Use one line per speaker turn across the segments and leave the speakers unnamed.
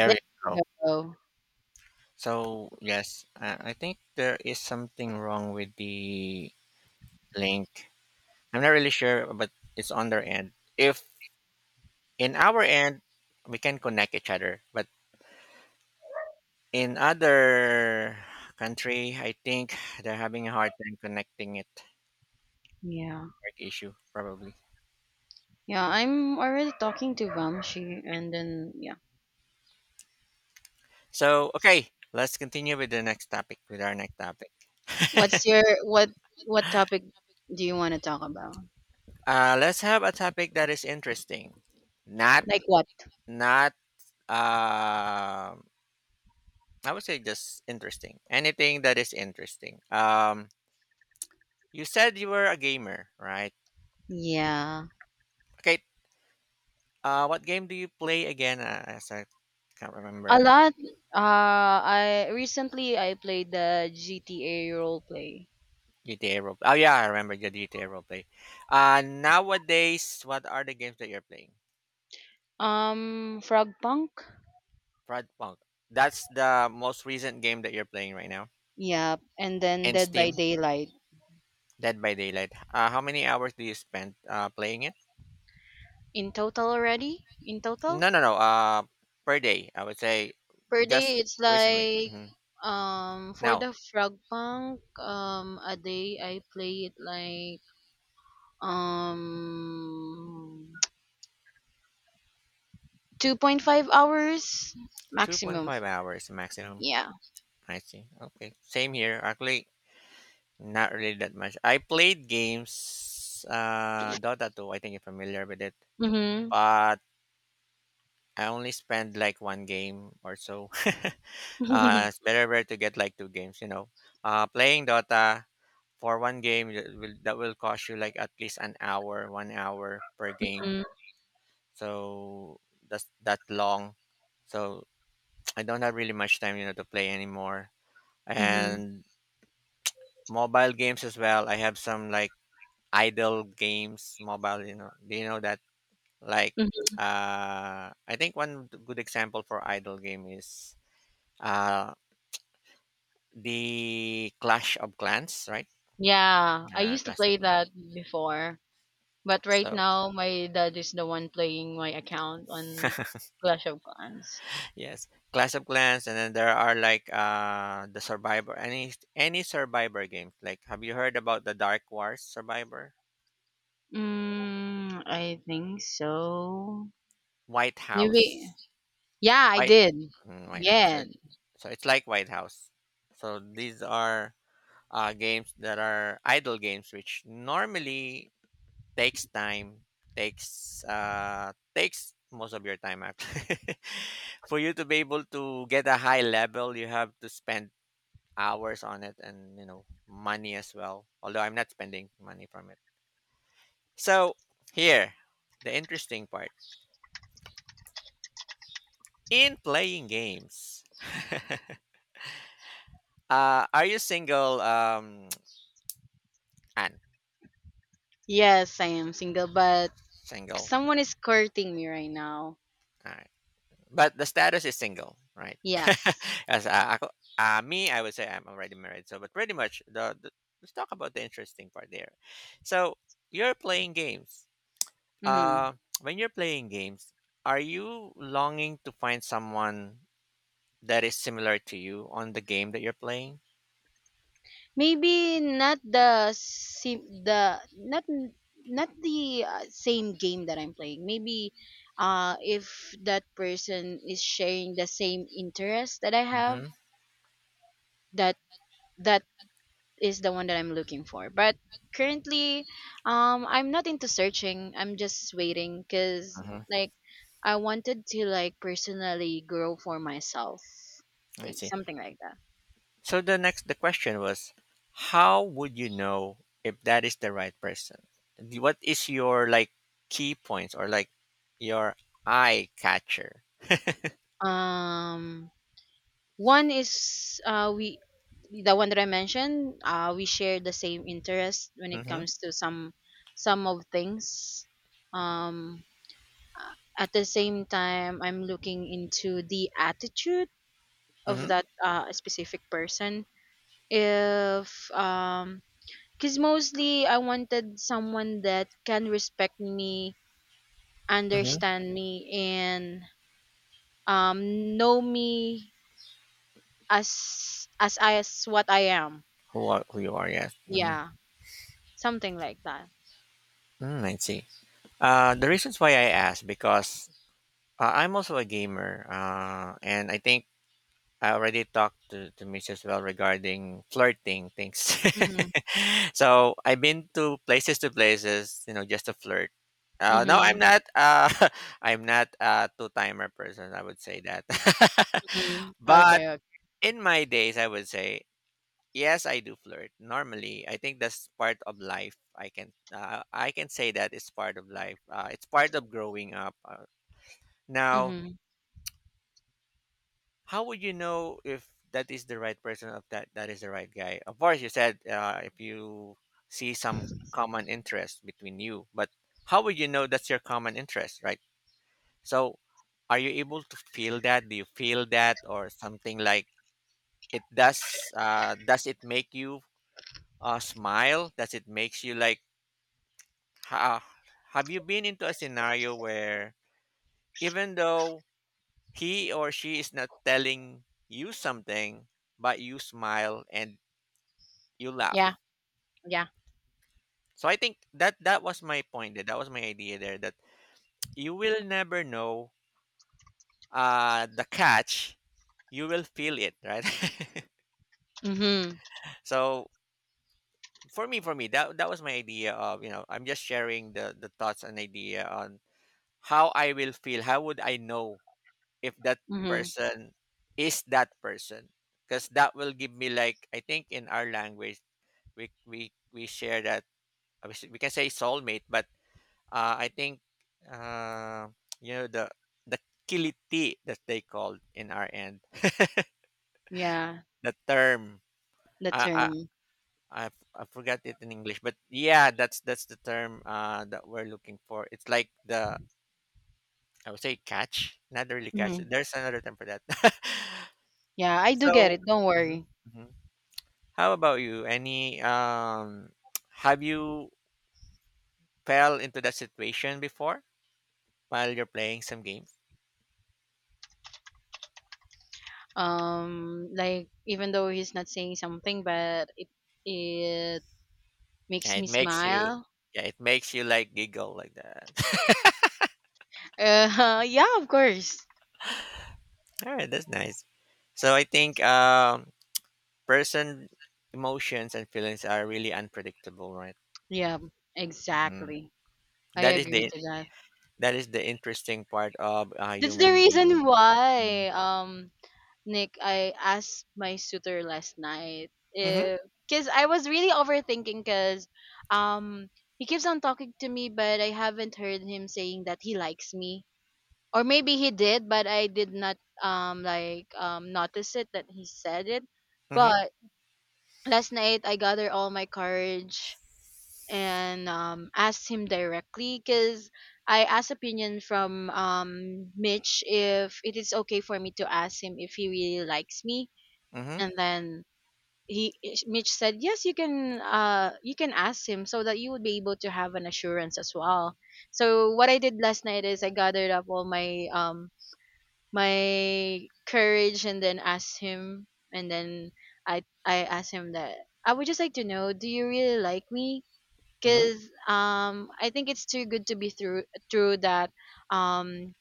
There
you
you
go.
go.
So yes, I think there is something wrong with the link. I'm not really sure, but it's on their end. If in our end we can connect each other, but in other country, I think they're having a hard time connecting it.
Yeah.
Network issue probably.
Yeah, I'm already talking to Vamshi and then yeah.
So okay, let's continue with the next topic. With our next topic,
What what topic do you want to talk about?
let's have a topic that is interesting, not
Like what?
not um I would say just interesting. Anything that is interesting. You said you were a gamer, right?
Yeah.
Okay. What game do you play again? As I can't
A
remember.
lot, I recently I played the GTA role play.
GTA role. Oh yeah, I remember the GTA roleplay. Nowadays, what are the games that you're playing?
Frog Punk?
Frostpunk. That's the most recent game that you're playing right now.
Yeah, and then
And
Dead by
Steam,
Daylight.
Dead by Daylight. How many hours do you spend playing it?
In total already? In total?
No, no, no. Per day, I would say,
Per day, it's
just recently.
like
hmm
for
Now,
the Frog Punk a day I play it like um 2.5 hours maximum.
2.5 hours maximum.
Yeah.
I see. Okay. Same here. Actually, not really that much. I played games, Dota 2. I think you're familiar with it.
Mhm.
But I only spend like one game or so. uh,
mhm.
it's better, better to get like two games, you know. Playing Dota for one game that will cost you like at least an hour, 1 hour per game. So that's that long. So I don't have really much time, you know, to play anymore.
Mhm.
And mobile games as well. I have some like idle games, mobile. You know, do you know that? Like,
Mhm.
I think one good example for idle game is uh the Clash of Clans, right?
Yeah, I used to
Clash
play
of
that
Clans.
before, but right
So
now my dad is the one playing my account on Clash of Clans.
yes, Clash of Clans, and then there are like the Survivor, any Survivor games. Like, have you heard about the Dark Wars Survivor,
Mm, I think so.
White
Maybe.
House?
Yeah, I
White
did.
White House. So
Yeah.
so it's like White House. So these are games that are idle games, which normally takes time, takes takes most of your time actually. For you to be able to get a high level, you have to spend hours on it and you know money as well. Although I'm not spending money from it. So here, the interesting part in playing games. Are you single, Anne?
Yes, I am single, but
Single.
someone is courting me right now.
Alright. But the status is single, right?
Yes.
As ako, me, I would say I'm already married. So, but pretty much the let's talk about the interesting part there. So, you're playing games.
hmm
Uh, when you're playing games, are you longing to find someone that is similar to you on the game that you're playing?
Maybe not the same game that I'm playing. Maybe if that person is sharing the same interest that I have,
Mm-hmm.
that that is the one that I'm looking for. But currently I'm not into searching. I'm just waiting cuz
Mm-hmm.
like I wanted to like personally grow for myself,
I
like
see.
something like that.
So the question was, how would you know if that is the right person? What is your like key points or like your eye catcher?
Um, one is we the one that I mentioned, we share the same interest when it
Mm-hmm.
comes to some of things. Um, at the same time, I'm looking into the attitude of
Mm-hmm.
that specific person. If because mostly I wanted someone that can respect me,
Mm-hmm.
understand me, and know me as I as what I am.
Who are who you are? Yes. Mm-hmm.
Yeah, something like that.
Mm, I see. The reasons why I ask because I'm also a gamer, and I think I already talked to Miss as Well regarding flirting things.
Mhm.
so I've been to places, you know, just to flirt. No, I'm
Mhm.
not. I'm not a two-timer person. I would say that.
Mhm.
but
Okay. Okay.
in my days, I would say yes, I do flirt. Normally, I think that's part of life. I can say that it's part of life. It's part of growing up. Now,
Mhm.
how would you know if that is the right person of that is the right guy? Of course, you said if you see some common interest between you, but how would you know that's your common interest, right? So, are you able to feel that? Do you feel that, or something like it does? Does it make you smile? Does it makes you like? Ha- have you been into a scenario where even though he or she is not telling you something, but you smile and you laugh.
Yeah. Yeah.
So I think that that was my point. There. That was my idea there. That you will never know the catch. You will feel it, right?
Mhm.
so for me, that was my idea of you know I'm just sharing the thoughts and idea on how I will feel. How would I know if that
Mhm.
person is that person? Because that will give me like I think in our language we share that we can say soulmate, but uh, I think uh, you know the kiliti that they called in our end.
Yeah,
The term
the
I I
term.
I I forgot it in English, but yeah, that's the term that we're looking for. It's like the I would say catch, not really catch.
Mhm.
There's another term for that.
Yeah, I do get
so,
it. Don't
mhm,
worry.
mhm. How about you? Any have you fell into that situation before while you're playing some games?
Like, even though he's not saying something, but it
Yeah,
makes me
it makes you
smile.
yeah, it makes you like giggle like that.
Yeah, of course.
All right, that's nice. So I think person emotions and feelings are really unpredictable, right?
Yeah,
Mhm.
exactly. I
That is
agree
the
to that.
that is the interesting part of a
That's the
human
reason
being. Mm-hmm.
why, Nick, I asked my suitor last night
Mm-hmm.
if, because I was really overthinking, because, um, he keeps on talking to me, but I haven't heard him saying that he likes me, or maybe he did, but I did not, notice it that he said it. But last night I gathered all my courage and, asked him directly because I asked opinion from, Mitch, if it is okay for me to ask him if he really likes me,
Mm-hmm.
and then he, Mitch, said, "Yes, you can, you can ask him so that you would be able to have an assurance as well." So what I did last night is I gathered up all my courage and then asked him, and then I asked him that I would just like to know, do you really like me,
Mm-hmm. Mm-hmm.
because I think it's too good to be through true that um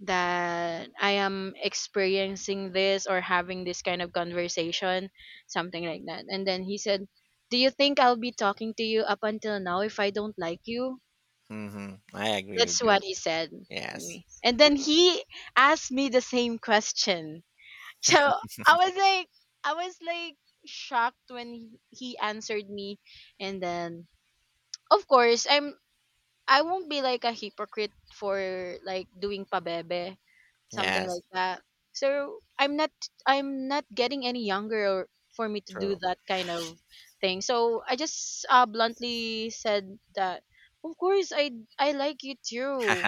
that I am experiencing this or having this kind of conversation, something like that. And then he said, "Do you think I'll be talking to you up until now if I don't like you?"
Mm-hmm. I agree with
That's
you.
what he said to
Yes.
me. And then he asked me the same question. So I was like shocked when he answered me, and then of course I won't be like a hypocrite for like doing pabebe, something
Yes.
like that. So I'm not getting any younger or for me to do
True.
that kind of thing. So I just, bluntly said that of course I like you too.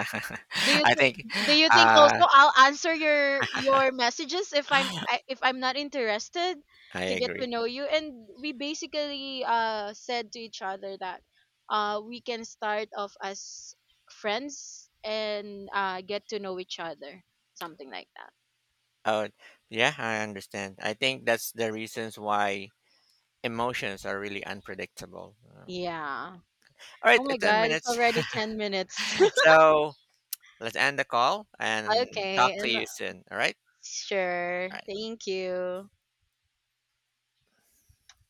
Do you
I
think
think
do you think,
uh
also, I'll answer your messages if if I'm not interested
I
to get to
agree.
know you? And we basically, said to each other that we can start off as friends and get to know each other, something like that.
Oh yeah, I understand. I think that's the reasons why emotions are really unpredictable.
Yeah.
All
Oh
right,
my
10
god, it's
minutes.
already 10 minutes.
So let's end the call and
Okay,
talk to
and
you soon. All right?
sure.
All right.
Thank you.